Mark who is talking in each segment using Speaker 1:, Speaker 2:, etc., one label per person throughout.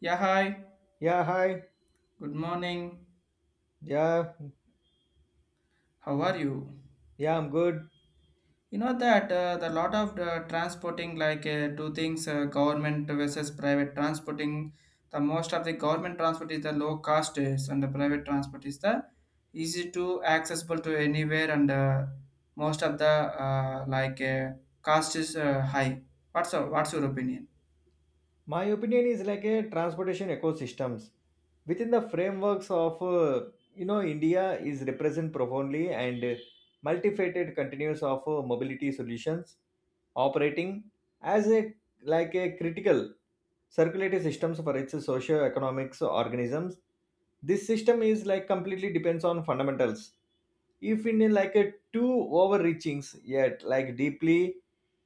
Speaker 1: Yeah, hi.
Speaker 2: Yeah, hi.
Speaker 1: Good morning.
Speaker 2: Yeah,
Speaker 1: How are you?
Speaker 2: yeah, I'm good.
Speaker 1: You know that the lot of the transporting like two things government versus private transporting. The most of the government transport is the low cost is, and the private transport is the easy to accessible to anywhere and most of the uh, like uh, cost is high. What's your opinion?
Speaker 2: My opinion is like a transportation ecosystems within the frameworks of India is represent profoundly and multifaceted continuous of mobility solutions operating as a like a critical circulatory systems for its socio-economics organisms. This system is like completely depends on fundamentals if in a, like a too overreachings yet like deeply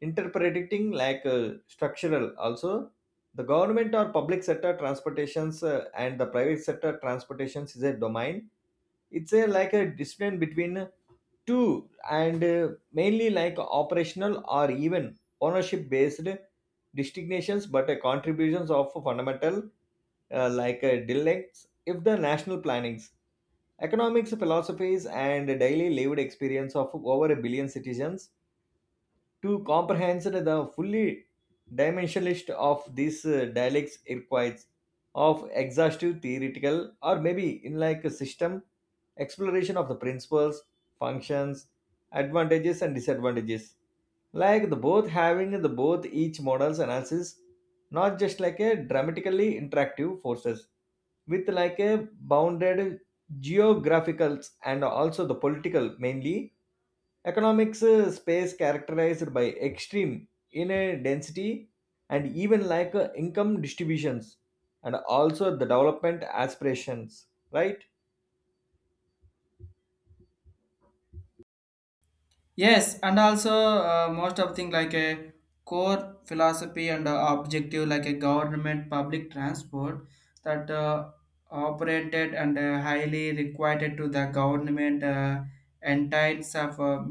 Speaker 2: interpreting like structural also. The government or public sector transportations and the private sector transportations is a domain. It's a like a discipline between two and mainly like operational or even ownership based distinctions but contributions of fundamental dialects if the national plannings, economics philosophies, and daily lived experience of over a billion citizens to comprehend the fully dimensionalist of these dialects requires of exhaustive theoretical or maybe in like a system exploration of the principles, functions, advantages, and disadvantages like the both having the both each models analysis, not just like a dramatically interactive forces with like a bounded geographicals and also the political mainly economics space characterized by extreme in density and even like income distributions and also the development aspirations, right?
Speaker 1: Yes, and also most of thing like a core philosophy and objective like a government public transport that operated and highly required to the government entities of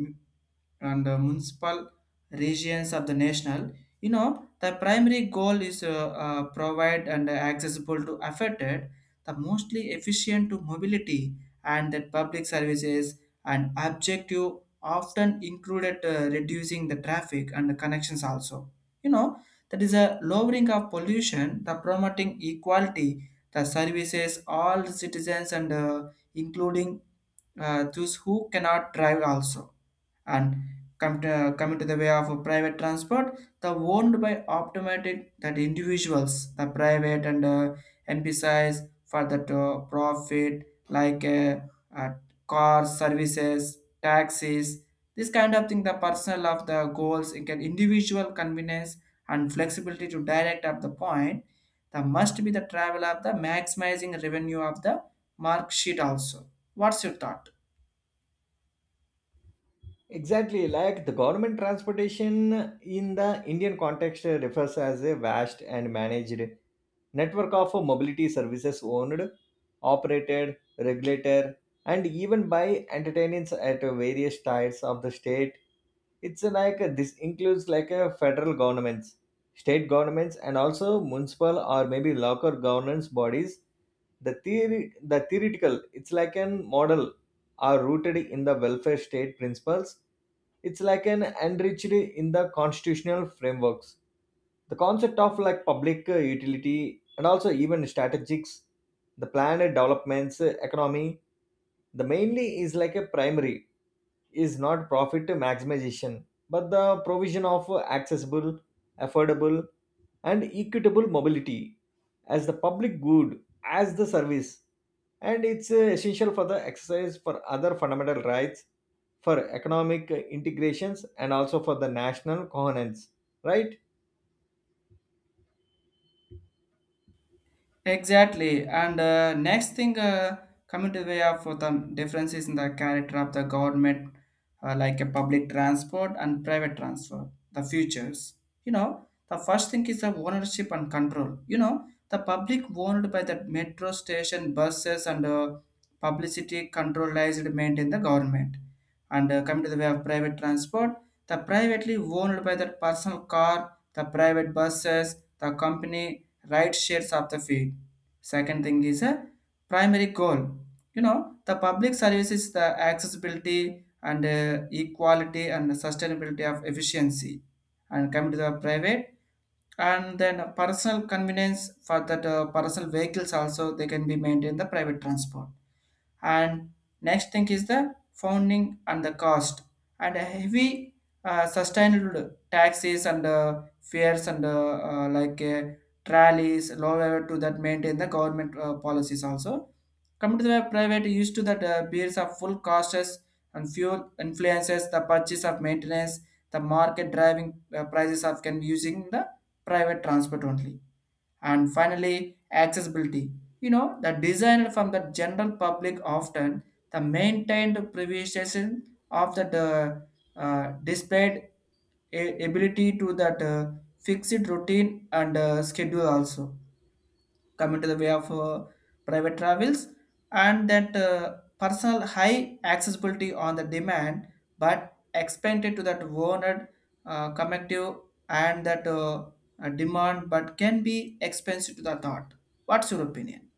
Speaker 1: and municipal regions of the national. You know the primary goal is provide and accessible to affected the mostly efficient to mobility and that public services and objective often included reducing the traffic and the connections also. You know that is a lowering of pollution, the promoting equality, the services all citizens and including those who cannot drive also. And come to the way of a private transport, the owned by automatic that individuals, the private and npcis for that profit, like uh, cars services taxis, this kind of thing, the personal of the goals it can individual convenience and flexibility to direct up the point, the must be the travel of the maximizing revenue of the mark sheet also. What's your thought?
Speaker 2: Exactly, like the government transportation in the Indian context refers as a vast and managed network of mobility services owned, operated, regulated, and even by entertainers at various tiers of the state. It's like this includes like federal governments, state governments, and also municipal or maybe local governance bodies. The theoretical, it's like an model are rooted in the welfare state principles. It's like an enriched in the constitutional frameworks. The concept of like public utility and also even strategics, the planned developments, economy, the mainly is like a primary is not profit maximization, but the provision of accessible, affordable, and equitable mobility as the public good, as the service, and it's essential for the exercise for other fundamental rights for economic integrations and also for the national coherence, right?
Speaker 1: Exactly. And next thing, coming to the way of the differences in the character of the government, like a public transport and private transport, the futures. You know, the first thing is the ownership and control. You know, the public owned by the metro station, buses, and publicity controlled maintained the government. And coming to the way of private transport, the privately owned by the personal car, the private buses, the company ride shares of the fee. Second thing is a primary goal. You know the public service is the accessibility and equality and sustainability of efficiency. And come to the private, and then personal convenience for that personal vehicles also, they can be maintained the private transport. And next thing is the founding and the cost, and a heavy sustainable taxes and fares and uh, like uh, trolleys lower to that maintain the government policies also. Coming to the private used to that bears of full costs and fuel influences the purchase of maintenance, the market driving prices of can using the private transport only. And finally accessibility. You know the design from the general public often the maintained privatization of that displayed ability to that fixed routine and schedule also. Come into the way of private travels and that personal high accessibility on the demand, but expanded to that owned connective and that demand but can be expensive to the thought. What's your opinion?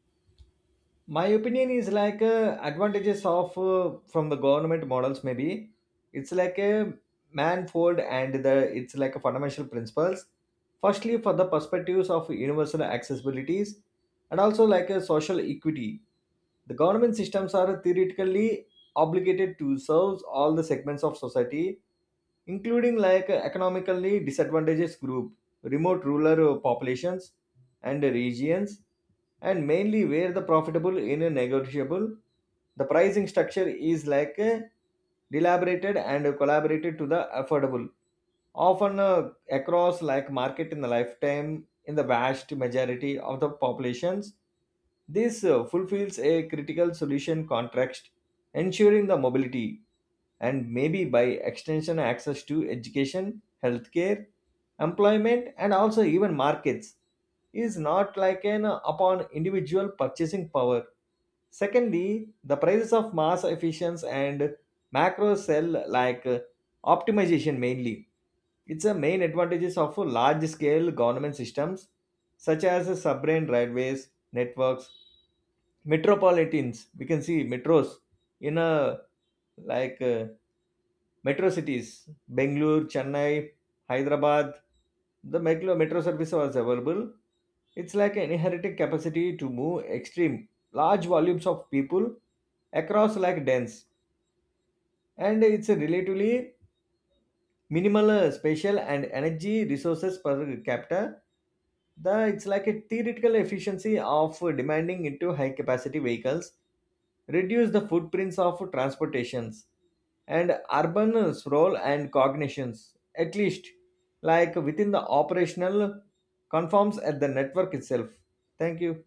Speaker 2: My opinion is like advantages of from the government models maybe it's like a manifold and the it's like a fundamental principles firstly for the perspectives of universal accessibilities and also like a social equity. The government systems are theoretically obligated to serve all the segments of society, including like economically disadvantaged group, remote rural populations and regions, and mainly where the profitable in a negotiable. The pricing structure is like a deliberated and collaborated to the affordable, often across like market in the lifetime in the vast majority of the populations. This fulfills a critical solution context, ensuring the mobility and maybe by extension access to education, healthcare, employment, and also even markets is not like an upon individual purchasing power. Secondly, the prices of mass efficiency and macro cell like optimization mainly. It's a main advantages of large scale government systems such as submarine railways, networks, metropolitans. We can see metros in a like metro cities, Bangalore, Chennai, Hyderabad, the metro service was available. It's like an inherent capacity to move extreme, large volumes of people across like dense. And it's a relatively minimal spatial and energy resources per capita the it's like a theoretical efficiency of demanding into high capacity vehicles reduce the footprints of transportations and urban sprawl and cognitions at least like within the operational conforms at the network itself. Thank you.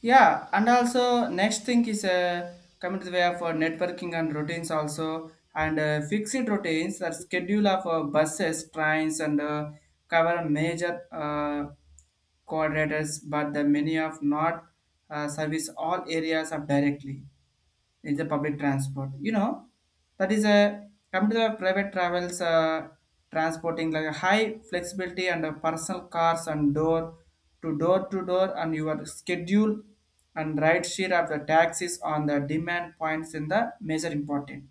Speaker 1: Yeah, and also next thing is coming to the way of networking and routines also, and fixed routines the schedule of buses trains and cover major coordinators, but the many of not service all areas of directly in the public transport. You know, that is a come to the private travels, transporting like a high flexibility and personal cars and door to door and your schedule and ride share of the taxis on the demand points in the major important.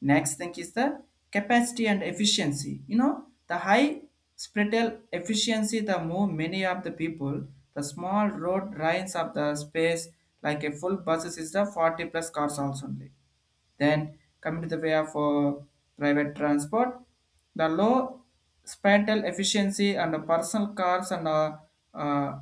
Speaker 1: Next thing is the capacity and efficiency. You know, the high spreadal efficiency, the more many of the people, the small road lines of the space, like a full buses is the 40 plus cars also only. Then coming to the way of private transport, the low spatial efficiency and the personal cars and uh,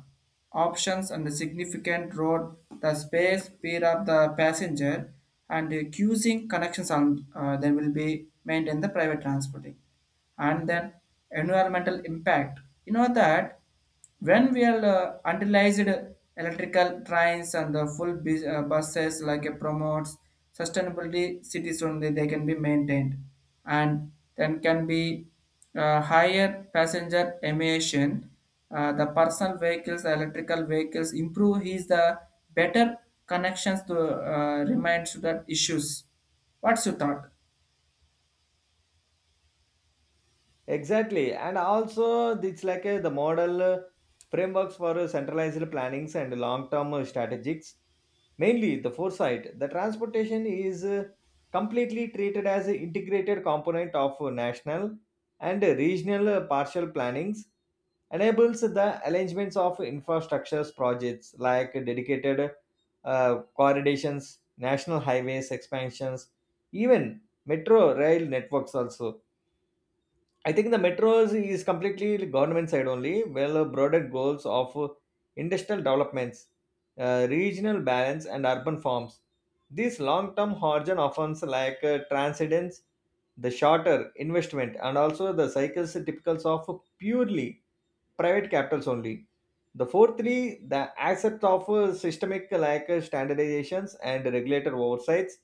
Speaker 1: options and the significant road, the space, speed of the passenger, and the using connections on, there will be maintained the private transporting. And then environmental impact. You know that when we are utilized electrical trains and the buses like a promotes sustainability cities only, they can be maintained. And then can be higher passenger emission. The personal vehicles electrical vehicles improve his the better connections to remind to that issues. What's your thought?
Speaker 2: Exactly. And also, it's like a, the model frameworks for centralized plannings and long term strategics. Mainly the foresight. The transportation is completely treated as an integrated component of national and regional partial plannings, enables the arrangements of infrastructures projects like dedicated corridors, national highways expansions, even metro rail networks also. I think the metros is completely government side only. Well, broader goals of industrial developments, regional balance, and urban forms. These long-term horizon offers like transcendence, the shorter investment, and also the cycles typicals of purely private capitals only. The fourthly, the accept of systemic like standardizations and regulator oversights.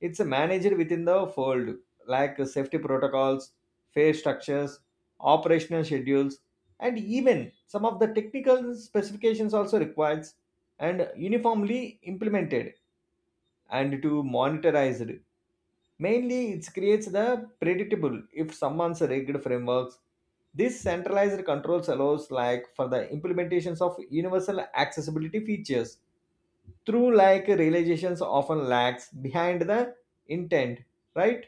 Speaker 2: It's managed within the fold, like safety protocols, fair structures, operational schedules, and even some of the technical specifications also requires and uniformly implemented and to monetized. Mainly, it creates the predictable if someone's rigged frameworks. This centralized controls allows like for the implementations of universal accessibility features through like realizations often lags behind the intent, right?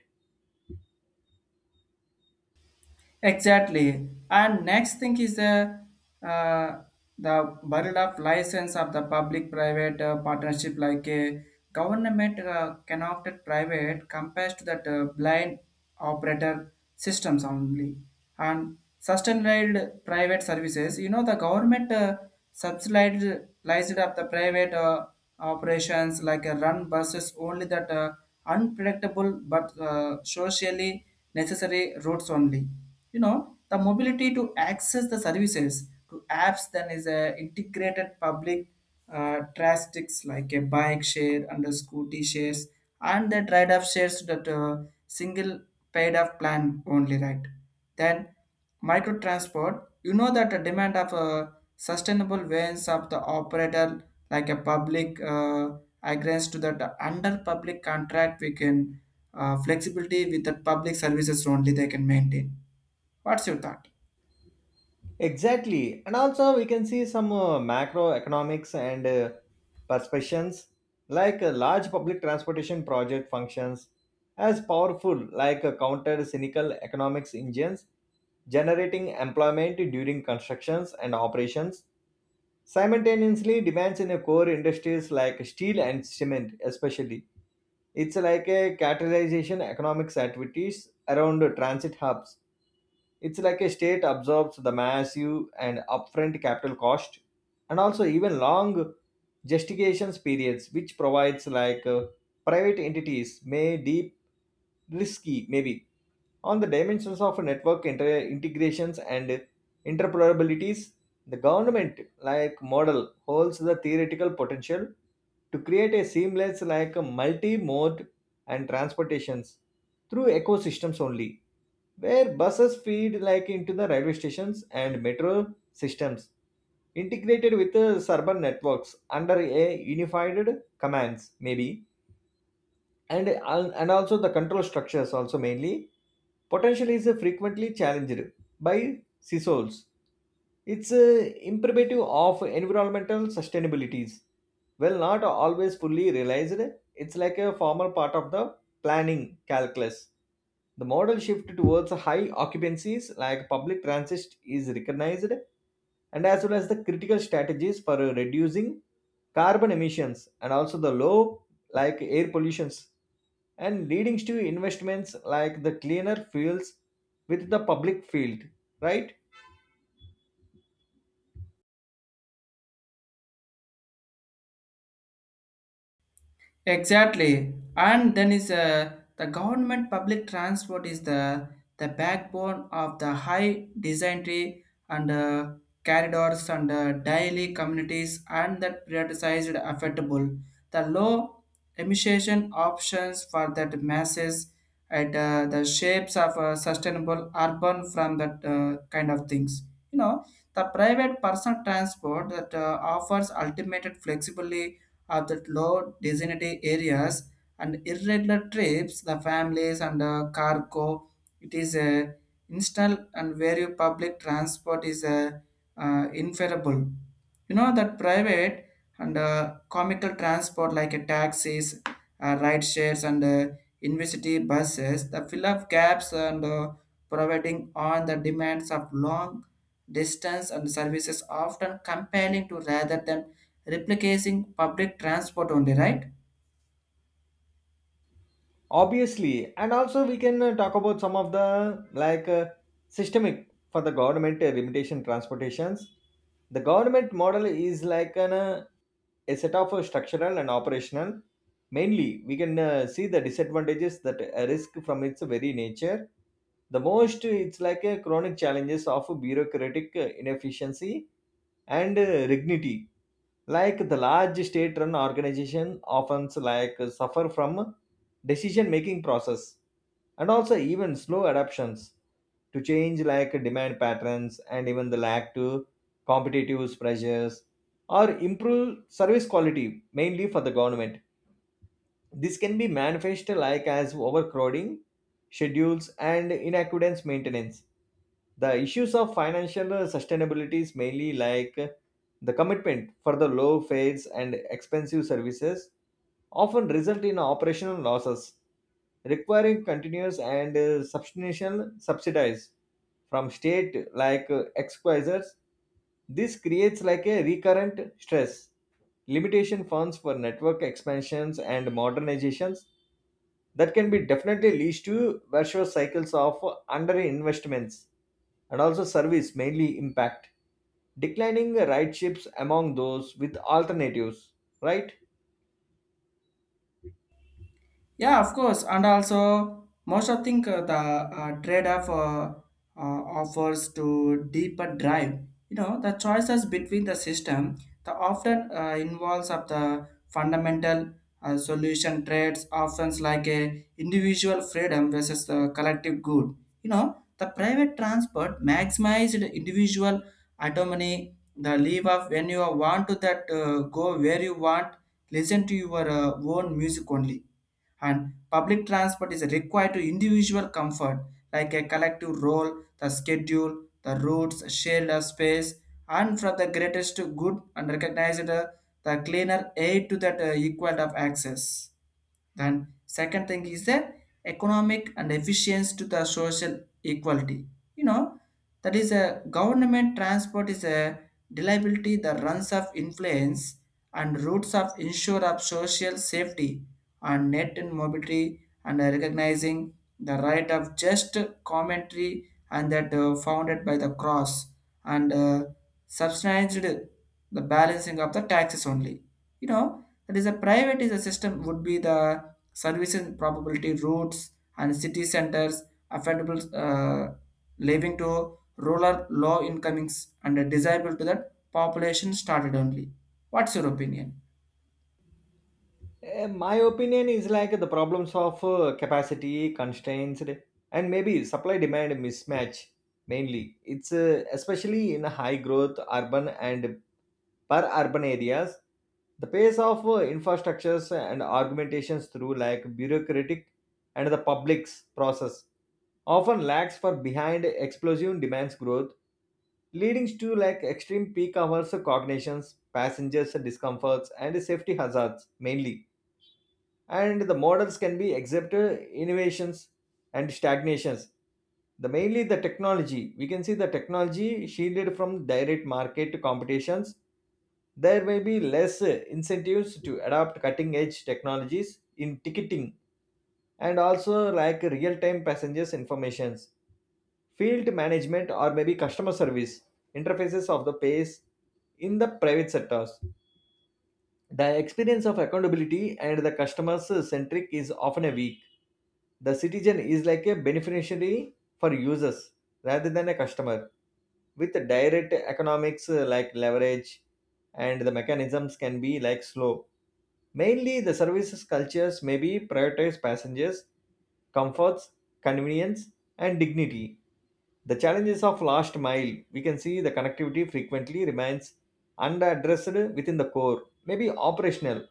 Speaker 1: Exactly. And next thing is uh, the burial of license of the public-private partnership, like a government connected private compared to that blind operator systems only, and sustained private services. You know the government subsidized of the private operations like a run buses only that unpredictable but socially necessary routes only. You know the mobility to access the services to apps, then is a integrated public trastics like a bike share and a scooty shares and the trade-off shares that single paid-off plan only, right? Then micro transport. You know that the demand of sustainable ways of the operator like a public agrees to that under public contract we can flexibility with the public services only, they can maintain. What's your thought?
Speaker 2: Exactly. And also, we can see some macroeconomics and perceptions like a large public transportation project functions as powerful, like a counter cynical economics engines, generating employment during constructions and operations. Simultaneously, demands in the core industries like steel and cement, especially. It's like a catalyzation economics activities around the transit hubs. It's like a state absorbs the massive and upfront capital cost and also even long gestation periods, which provides like private entities may deep risky maybe on the dimensions of network integrations and interoperabilities, the government like model holds the theoretical potential to create a seamless like multi-mode and transportations through ecosystems only where buses feed like into the railway stations and metro systems integrated with the urban networks under a unified commands maybe and also the control structures also mainly potentially is frequently challenged by CISOs. It's imperative of environmental sustainabilities. Well, not always fully realized, it's like a formal part of the planning calculus. The model shift towards high occupancies like public transit is recognized and as well as the critical strategies for reducing carbon emissions and also the low like air pollutions and leading to investments like the cleaner fuels with the public field, right?
Speaker 1: Exactly. And then is the government public transport is the backbone of the high designry and corridors and daily communities, and that prioritized affordable the low emission options for that masses at the shapes of sustainable urban from that kind of things. You know the private personal transport that offers ultimate flexibility of the low density areas and irregular trips, the families and the cargo. It is a install and where public transport is a inferable. You know that private and comical transport like a taxis, ride shares and university buses, the fill up gaps and providing on the demands of long distance and services often compelling to rather than replicating public transport only, right?
Speaker 2: Obviously. And also we can talk about some of the like systemic for the government limitation transportations. The government model is like an a set of structural and operational mainly we can see the disadvantages that risk from its very nature. The most it's like a chronic challenges of bureaucratic inefficiency and rignity like the large state run organization often like suffer from decision making process and also even slow adaptations to change like demand patterns and even the lack to competitive pressures or improve service quality mainly for the government. This can be manifested like as overcrowding, schedules, and inaccurate maintenance. The issues of financial sustainability is mainly like the commitment for the low fares and expensive services often result in operational losses, requiring continuous and substantial subsidies from state like exquisites. This creates like a recurrent stress limitation funds for network expansions and modernizations that can be definitely leads to virtuous cycles of underinvestments and also service mainly impact declining rideships among those with alternatives, right?
Speaker 1: Yeah, of course, and also most of think the trade-off offers to deeper drive. You know, the choices between the system, the often involves of the fundamental solution trades, often like a individual freedom versus the collective good. You know, the private transport maximized individual autonomy, the leave of when you want to that go where you want, listen to your own music only. And public transport is required to individual comfort, like a collective role, the schedule, the routes, shared space, and for the greatest good, and recognized the cleaner aid to that equal of access. Then second thing is the economic and efficiency to the social equality. You know, that is a government transport is a reliability, the runs of influence and routes of ensure of social safety and net and mobility and recognizing the right of just commentary and that founded by the cross and substantiated the balancing of the taxes only. You know that is a private is a system would be the services probability routes and city centers affordable living to rural low incomings and desirable to that population started only. What's your opinion?
Speaker 2: My opinion is like the problems of capacity constraints and maybe supply demand mismatch mainly it's especially in high growth urban and per urban areas. The pace of infrastructures and augmentations through like bureaucratic and the public's process often lags for behind explosive demands growth leading to like extreme peak hours of cognitions passengers discomforts and safety hazards mainly and the models can be accepted innovations and stagnations the mainly the technology we can see the technology shielded from direct market competitions there may be less incentives to adopt cutting edge technologies in ticketing and also like real time passengers informations, field management, or maybe customer service interfaces of the pace in the private sectors. The experience of accountability and the customers centric is often a weak. The citizen is like a beneficiary for users rather than a customer with direct economics like leverage and the mechanisms can be like slow. Mainly, the services cultures may be prioritize passengers, comforts, convenience, and dignity. The challenges of last mile, we can see the connectivity frequently remains unaddressed within the core, maybe operational.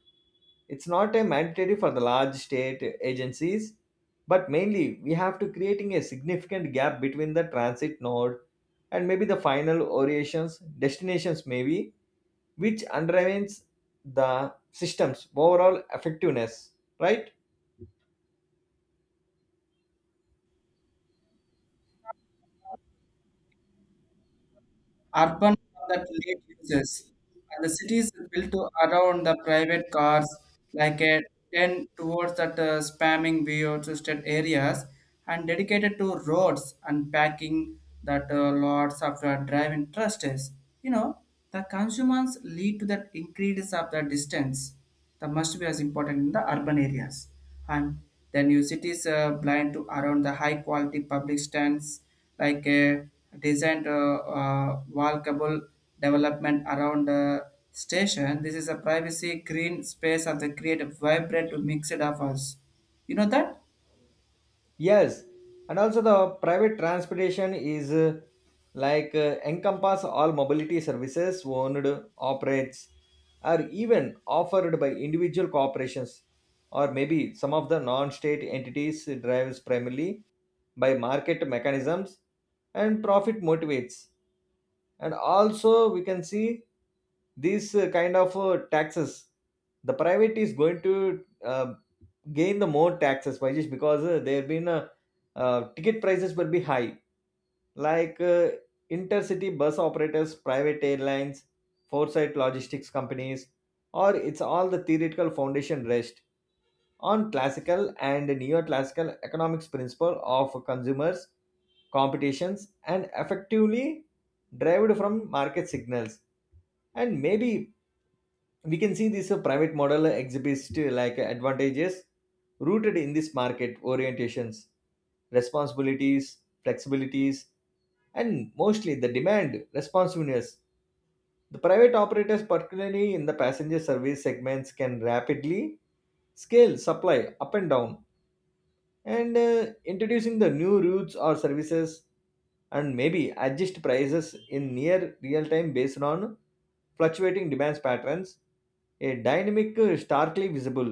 Speaker 2: It's not a mandatory for the large state agencies, but mainly we have to creating a significant gap between the transit node and maybe the final orientations, destinations maybe which undermines the system's overall effectiveness, right?
Speaker 1: Urban that late uses. And the cities built to around the private cars, like a 10 towards that spamming VO2 areas, and dedicated to roads and packing that lots of the driving trusts. You know, the consumers lead to that increase of the distance that must be as important in the urban areas. And then your cities blind to around the high quality public stands, like a designed walkable development around the station. This is a privacy green space of the creative vibrant to mix it up us. You know that?
Speaker 2: Yes. And also the private transportation is like encompass all mobility services owned, operates, or even offered by individual corporations or maybe some of the non-state entities drives primarily by market mechanisms and profit motivates. And also we can see these kind of taxes the private is going to gain the more taxes by just because there have been ticket prices will be high like intercity bus operators private airlines foresight logistics companies or it's all the theoretical foundation rest on classical and neoclassical economics principle of consumers competitions and effectively derived from market signals and maybe we can see this private model exhibits to, like advantages rooted in this market orientations responsibilities flexibilities and mostly the demand responsiveness the private operators particularly in the passenger service segments can rapidly scale supply up and down and introducing the new routes or services and maybe adjust prices in near real time based on fluctuating demands patterns a dynamic starkly visible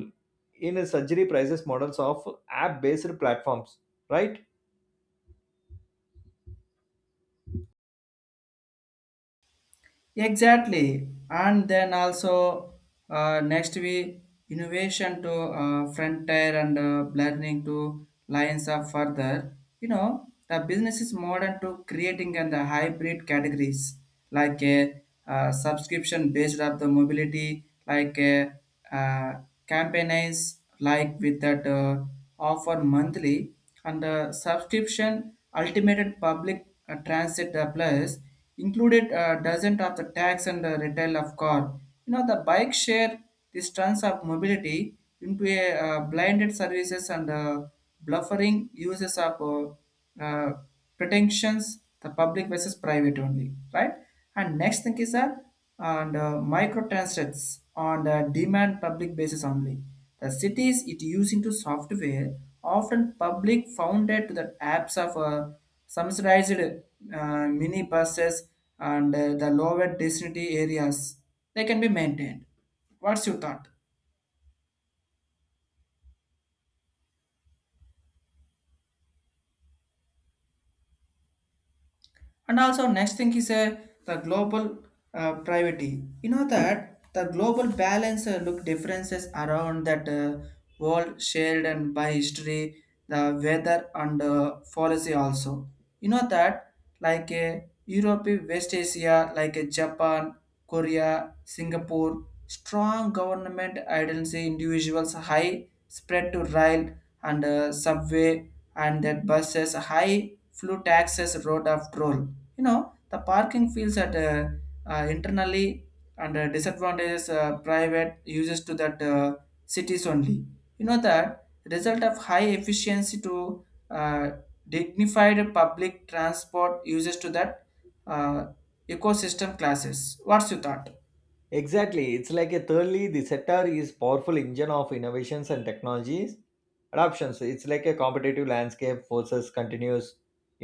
Speaker 2: in a surgery prices models of app based platforms, right?
Speaker 1: Exactly, and then also next we innovation to frontier and blending to lines up further. You know the business is modern to creating and the hybrid categories, like a subscription based of the mobility, like a uh, campaigns like with that offer monthly and subscription ultimate public transit plus included dozens of the tax and retail of car. You know, the bike share, this trans of mobility into a blinded services and bluffering uses of pretensions, the public versus private only, right? And next thing is that and micro transits on the demand public basis only. The cities it using to software often public founded to the apps of subsidized mini buses and the lower density areas, they can be maintained. What's your thought? And also next thing is the global privacy. You know that the global balance look differences around that world shared and by history, the weather and policy also. You know that like Europe, West Asia, like Japan, Korea, Singapore, strong government agency individuals high spread to rail and subway and that buses high flu taxes road of troll. You know the parking feels at internally and disadvantages private users to that cities only. You know that result of high efficiency to dignified public transport uses to that uh, ecosystem classes. What's your thought?
Speaker 2: Exactly. It's like a thirdly the sector is powerful engine of innovations and technologies adoptions it's like a competitive landscape forces continuous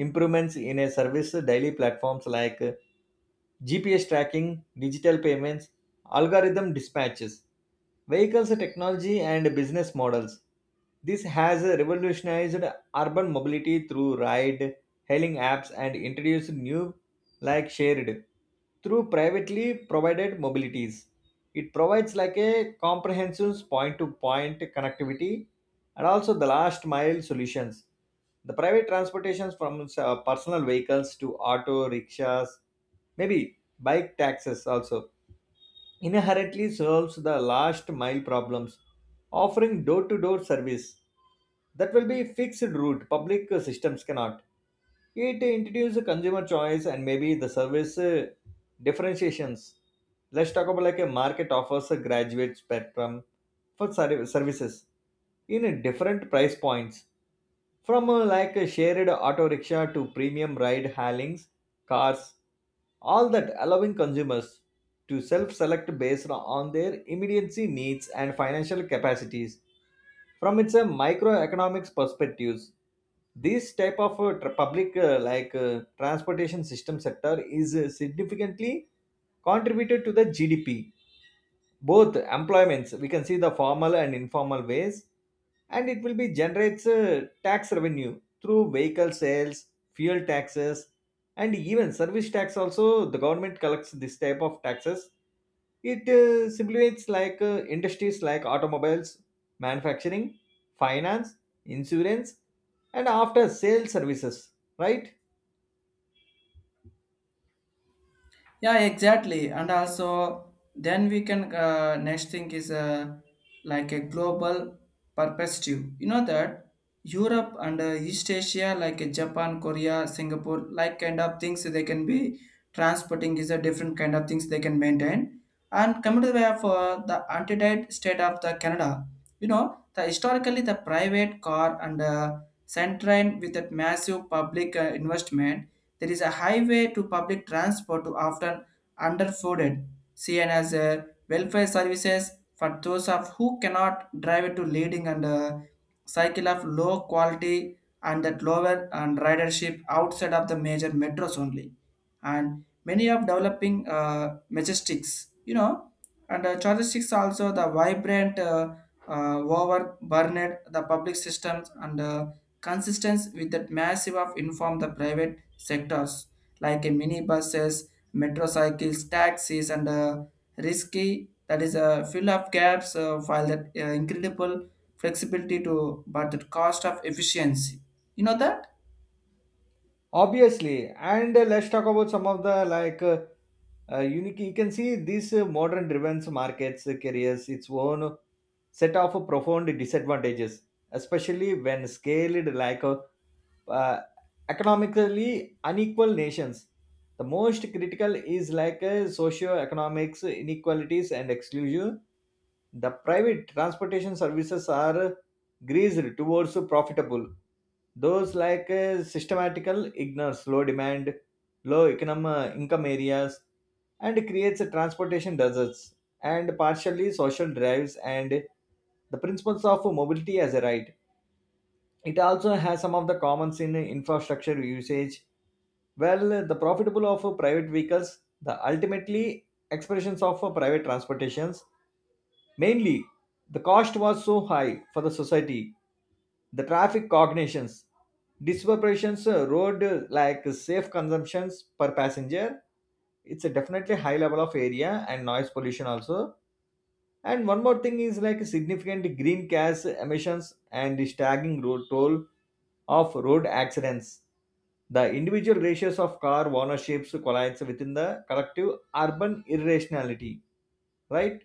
Speaker 2: improvements in a service daily platforms like GPS tracking, digital payments, algorithm dispatches. Vehicles technology and business models. This has revolutionized urban mobility through ride hailing apps and introduced new like shared through privately provided mobilities. It provides like a comprehensive point to point connectivity and also the last mile solutions. The private transportations from personal vehicles to auto rickshaws, maybe bike taxis also inherently solves the last mile problems, offering door to door service that will be fixed route public systems cannot. It introduces consumer choice and maybe the service differentiations. Let's talk about like a market offers a graduate spectrum for services in different price points from like a shared auto rickshaw to premium ride hailings cars all that allowing consumers to self select based on their immediacy needs and financial capacities. From its microeconomics perspectives, this type of public transportation system sector is significantly contributed to the GDP both employments we can see the formal and informal ways and it will be generates tax revenue through vehicle sales fuel taxes and even service tax also the government collects this type of taxes it simulates like industries like automobiles manufacturing finance insurance and after sales services, right?
Speaker 1: Yeah, exactly. And also, then we can next thing is like a global perspective. You know that Europe and East Asia, like Japan, Korea, Singapore, like kind of things, they can be transporting is a different kind of things, they can maintain. And coming to the way of the antidote state of the Canada. You know, the historically the private car and sand train with that massive public investment, there is a highway to public transport to often underfunded, seen as a welfare services for those of who cannot drive, to leading and a cycle of low quality and that lower and ridership outside of the major metros only. And many of developing majestics, you know, and characteristics also the vibrant overburdened the public systems and consistence with that massive of inform the private sectors like minibuses, metrocycles, taxis, and risky that is a fill up gaps, while that incredible flexibility to but the cost of efficiency. You know that?
Speaker 2: Obviously. And let's talk about some of the like unique you can see these modern driven markets carries its own set of profound disadvantages especially when scaled like uh, economically unequal nations. The most critical is like socio-economics inequalities and exclusion. The private transportation services are greased towards profitable. Those like systematical ignores low demand, low income areas, and creates a transportation deserts and partially social drives and the principles of mobility as a right it also has some of the common sin infrastructure usage. Well, the profitable of private vehicles, the ultimately expressions of private transportations. Mainly, the cost was so high for the society. The traffic cognitions, disproportions, road like safe consumptions per passenger. It's a definitely high level of area and noise pollution also and one more thing is like significant green gas emissions and the staggering road toll of road accidents. The individual ratios of car ownerships collides within the collective urban irrationality, right?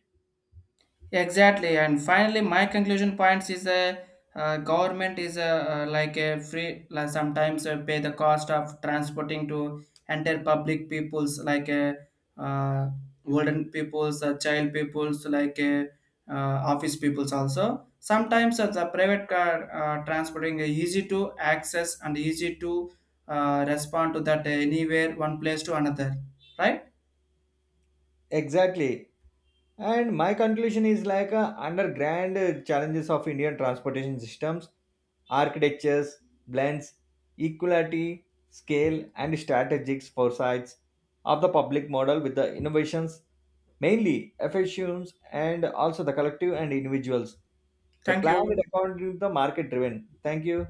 Speaker 1: Yeah, exactly, and finally, my conclusion points is a government is a, like a free like sometimes pay the cost of transporting to enter public peoples, like a uh, olden peoples, child peoples, like a office peoples also. Sometimes the private car transporting is easy to access and easy to respond to that anywhere one place to another. Right?
Speaker 2: Exactly. And my conclusion is like under grand challenges of Indian transportation systems, architectures, blends, equality, scale, and strategic foresights of the public model with the innovations, mainly efficiencies and also the collective and individuals. The
Speaker 1: Thank
Speaker 2: plan is
Speaker 1: you.
Speaker 2: according to the market driven. Thank you.